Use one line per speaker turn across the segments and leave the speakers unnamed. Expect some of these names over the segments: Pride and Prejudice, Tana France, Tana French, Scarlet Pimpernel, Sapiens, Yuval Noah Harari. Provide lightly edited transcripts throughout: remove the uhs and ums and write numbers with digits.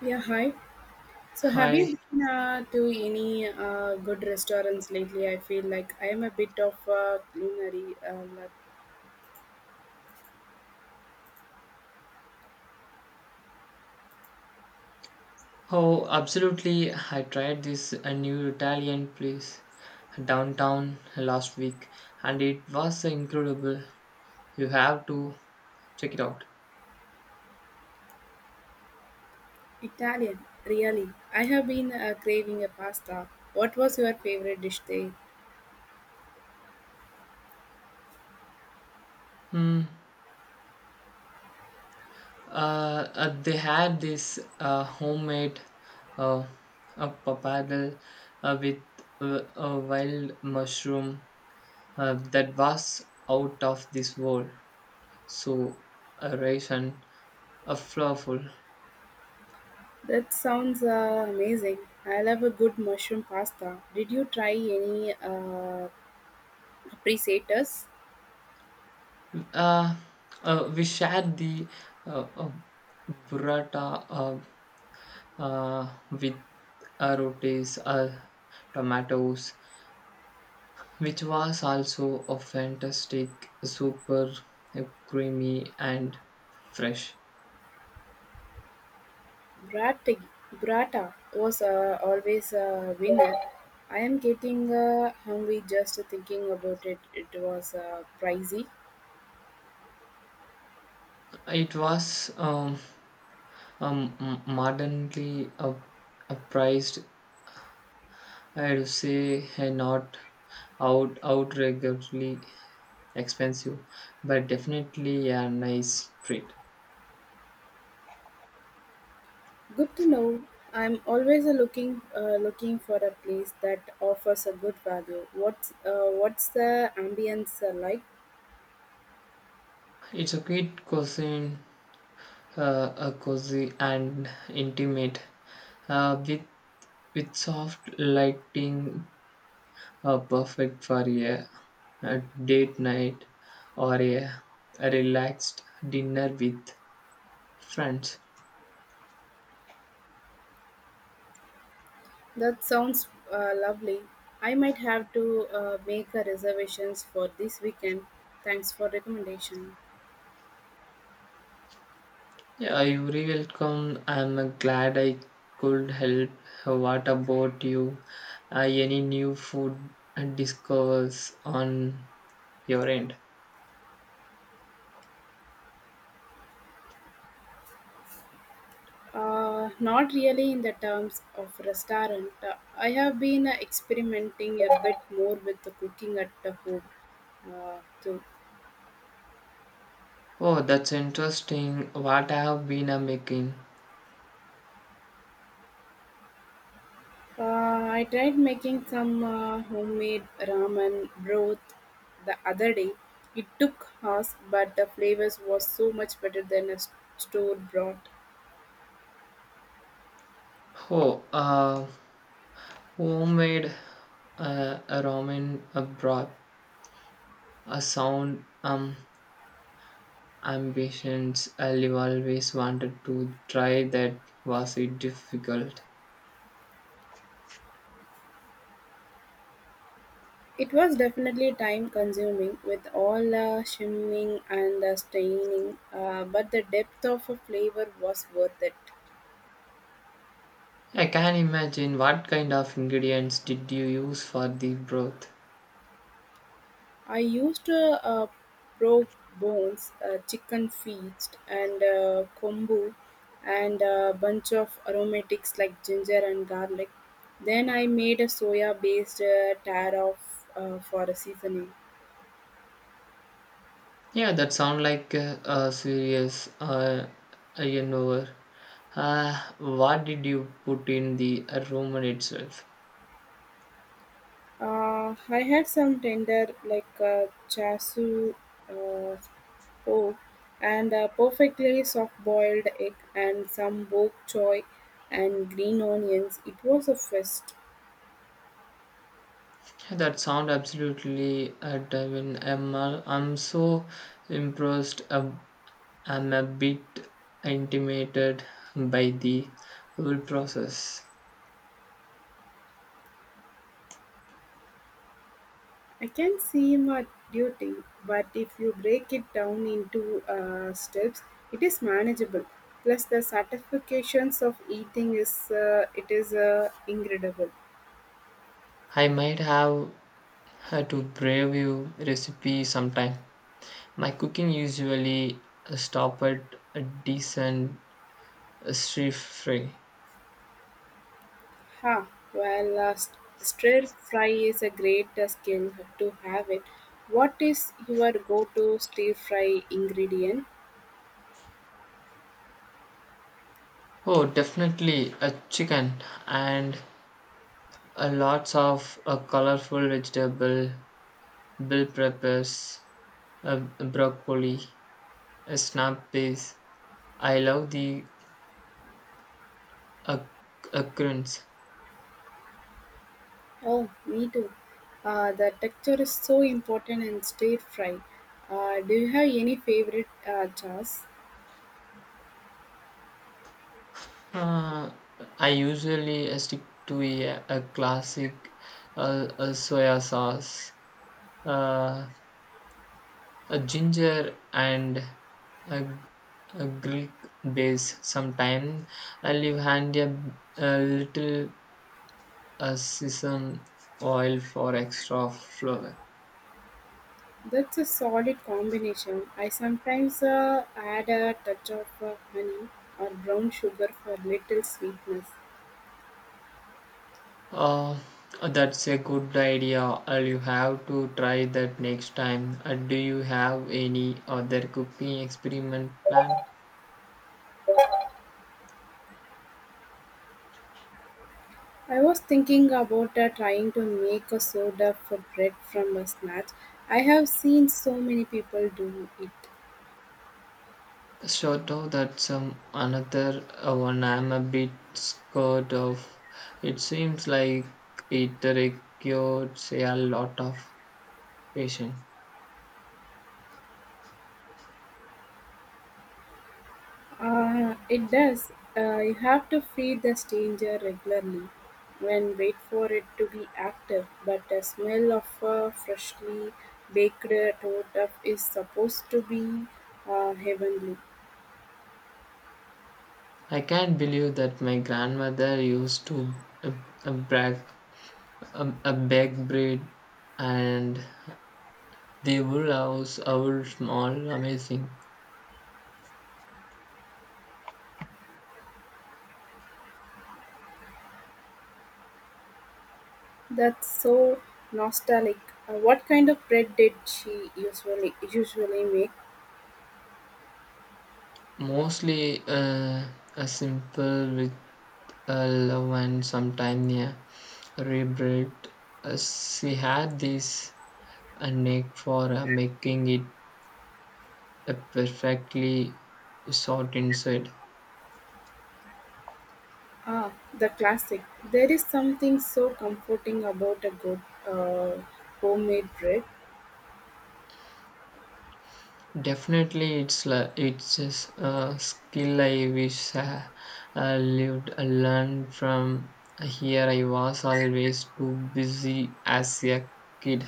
Yeah, hi. So, have
Hi.
you been to any good restaurants lately? I feel like I am a bit of a culinary nut.
Oh, absolutely. I tried this a new Italian place downtown last week and it was incredible. You have to check it out.
Italian, really. I have been craving a pasta. What was your favorite dish there?
Hmm. They had this homemade uh, a papadal with a wild mushroom that was out of this world. So rich and flavorful.
That sounds amazing. I love a good mushroom pasta. Did you try any appreciators?
Uh, we shared the uh, uh, burrata with rotis, tomatoes, which was also a fantastic, super creamy and fresh.
Brat Brata was always a winner. I'm getting hungry just thinking about it. It was pricey.
It was modernly priced, I'd say, not outrageously expensive, but definitely a nice treat.
Good to know. I'm always looking for a place that offers a good value. What's the ambience like?
It's a great cuisine, a cozy and intimate, uh, with with soft lighting, perfect for a date night or a relaxed dinner with friends.
That sounds lovely. I might have to make a reservations for this weekend. Thanks for recommendation.
Yeah, you're welcome. I'm glad I could help. What about you? Any new food discovers on your end?
Not really in the terms of restaurant. I have been experimenting a bit more with the cooking at the home too.
Oh, that's interesting. What I have been making?
Uh, I tried making some homemade ramen broth the other day. It took hours, but the flavors was so much better than store broth.
Oh, homemade a ramen a broth, a sound ambitions. I always wanted to try that. Was it difficult?
It was definitely time consuming with all the shimming and the staining, but the depth of a flavor was worth it.
I can imagine. What kind of ingredients did you use for the broth?
I used pork bones, chicken feet, and kombu, and a bunch of aromatics like ginger and garlic. Then I made a soya-based taro for a seasoning.
Yeah, that sound like a serious you know. What did you put in the ramen itself?
I had some tender like chasu uh, pork and a perfectly soft-boiled egg and some bok choy and green onions. It was a feast.
That sound absolutely divine, Emma. I'm so impressed. I'm a bit intimidated by the whole process.
I can see my duty, but if you break it down into steps, it is manageable. Plus, the satisfactions of eating is incredible.
I might have had to brave you recipe sometime. My cooking usually stop at a decent street free.
Ha! Well, stir fry is a great skill to have it. What is your go-to stir fry ingredient?
Oh, definitely a chicken and a lots of a colorful vegetable bill preppers. Broccoli, snap peas. I love the uh, occurrence.
Oh, me too. The texture is so important in stir fry. Do you have any favorite chas?
Uh, I usually stick to a classic soya sauce, uh, a ginger, and a, g- a Greek base. Sometimes I leave handy a little sesame oil for extra flavor.
That's a solid combination. I sometimes add a touch of honey or brown sugar for little sweetness.
Uh, that's a good idea. I'll you have to try that next time. Do you have any other cooking experiment plan?
I was thinking about trying to make a soda for bread from a snatch. I have seen so many people do it.
Sort of that's another one I'm a bit scared of. It seems like it requires a lot of patience.
It does. You have to feed the stranger regularly and wait for it to be active. But the smell of a freshly baked torta is supposed to be heavenly.
I can't believe that my grandmother used to uh, bake, bake bread and they would house our small, amazing,
That's so nostalgic. What kind of bread did she usually make?
mostly a simple with a love and sometime a rebuilt. She had this a knack for making it a perfectly sort inside.
Ah, the classic. There is something so comforting about a good uh, homemade bread.
Definitely, it's just a skill I wish I learned from. Here I was always too busy as a kid.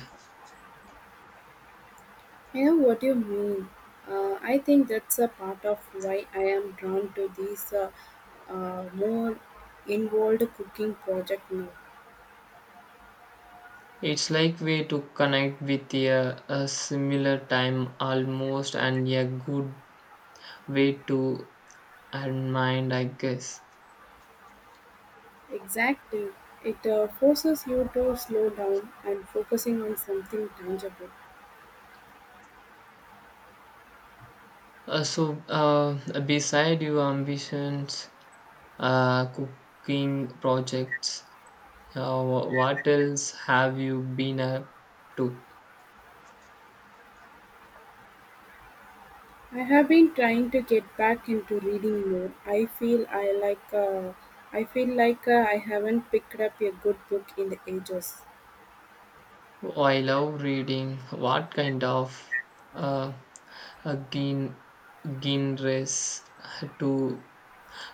I know what you mean. I think that's a part of why I am drawn to these more involved cooking project now.
It's like way to connect with a similar time almost and a good way to unwind, I guess.
Exactly. It forces you to slow down and focusing on something tangible.
So, beside your ambitions, cooking projects, what else have you been up to?
I have been trying to get back into reading more. I feel I like I feel like I haven't picked up a good book in the ages.
Oh, I love reading. What kind of uh, uh, gen- genres do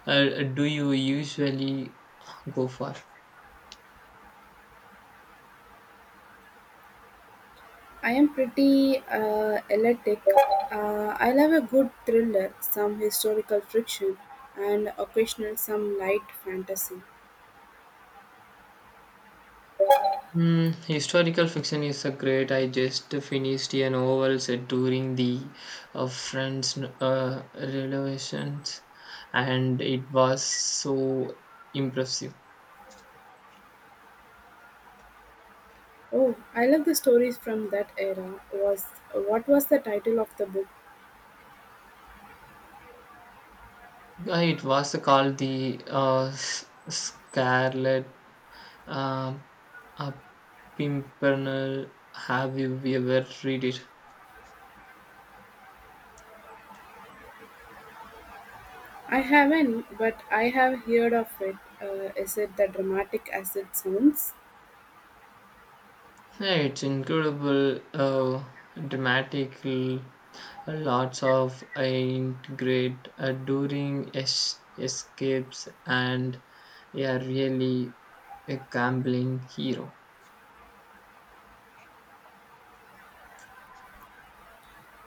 Do you usually go for?
I'm pretty eclectic. I love a good thriller, some historical fiction, and occasional some light fantasy.
Mm, historical fiction is a great. I just finished a novel set during the French Revolutions, and it was so impressive.
Oh, I love the stories from that era. Was What was the title of the book?
It was called the Scarlet uh, uh, Pimpernel. Have you ever read it?
I haven't, but I have heard of it. Is it the dramatic as it sounds?
Yeah, it's incredible, dramatic, lots of integrate during escapes, and yeah, really a gambling hero.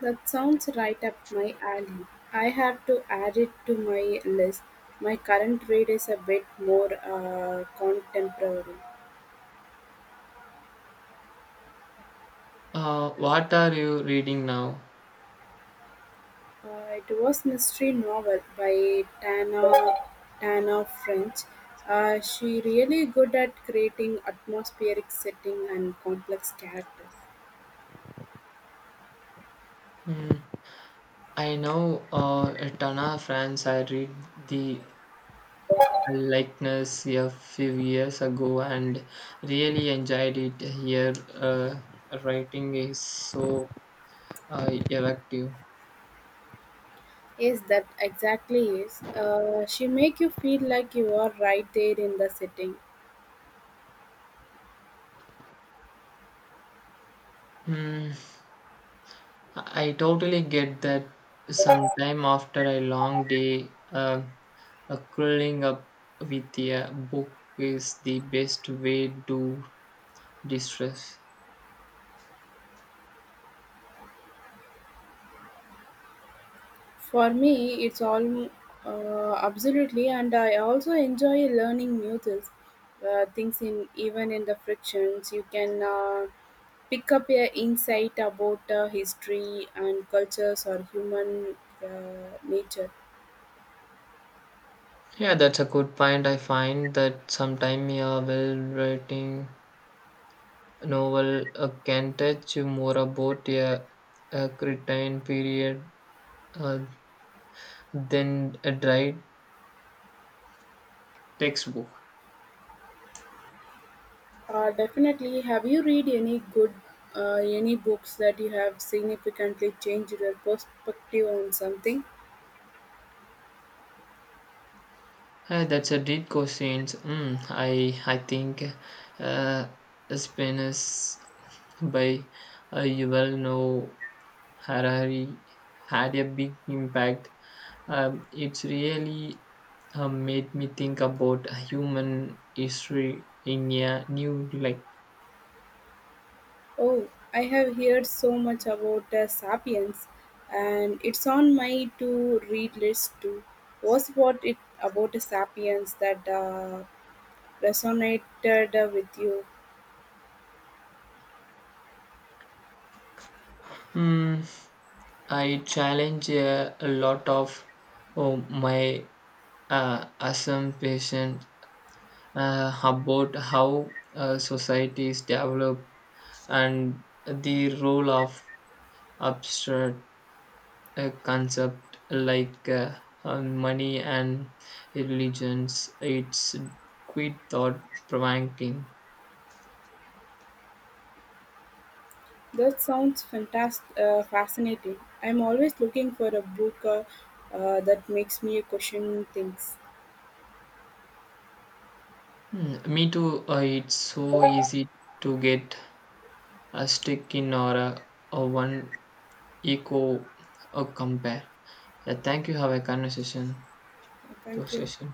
That sounds right up my alley. I have to add it to my list. My current read is a bit more contemporary.
What are you reading now?
It was mystery novel by Tana French. She really good at creating atmospheric setting and complex characters.
Hmm, I know Tana France. I read the likeness a few years ago and really enjoyed it. Here, writing is so effective.
Yes, that exactly is. She make you feel like you are right there in the setting.
Hmm, I totally get that. Sometime after a long day, curling up with a book is the best way to distress.
For me, it's all absolutely, and I also enjoy learning new things, things in even in the frictions you can pick up a insight about history and cultures or human nature.
Yeah, that's a good point. I find that sometime a well-written novel can touch you more about a certain period uh, than a dry textbook.
Definitely. Have you read any good uh, any books that you have significantly changed your perspective on something?
That's a deep question. I think uh, Spanish by Yuval Noah Harari had a big impact. It's really made me think about human history in a new light.
Oh, I have heard so much about Sapiens, and it's on my to read list too. Was what it about Sapiens that resonated with you?
Mm, I challenge a lot of oh, my assumption about how societies develop and the role of abstract concept like money and religions. It's quite thought provoking.
That sounds fascinating. I'm always looking for a book that makes me question things.
Mm, me too. It's so easy to get a stick in or a one eco or compare. Yeah, thank you. Have a conversation. To
Thank you.
session.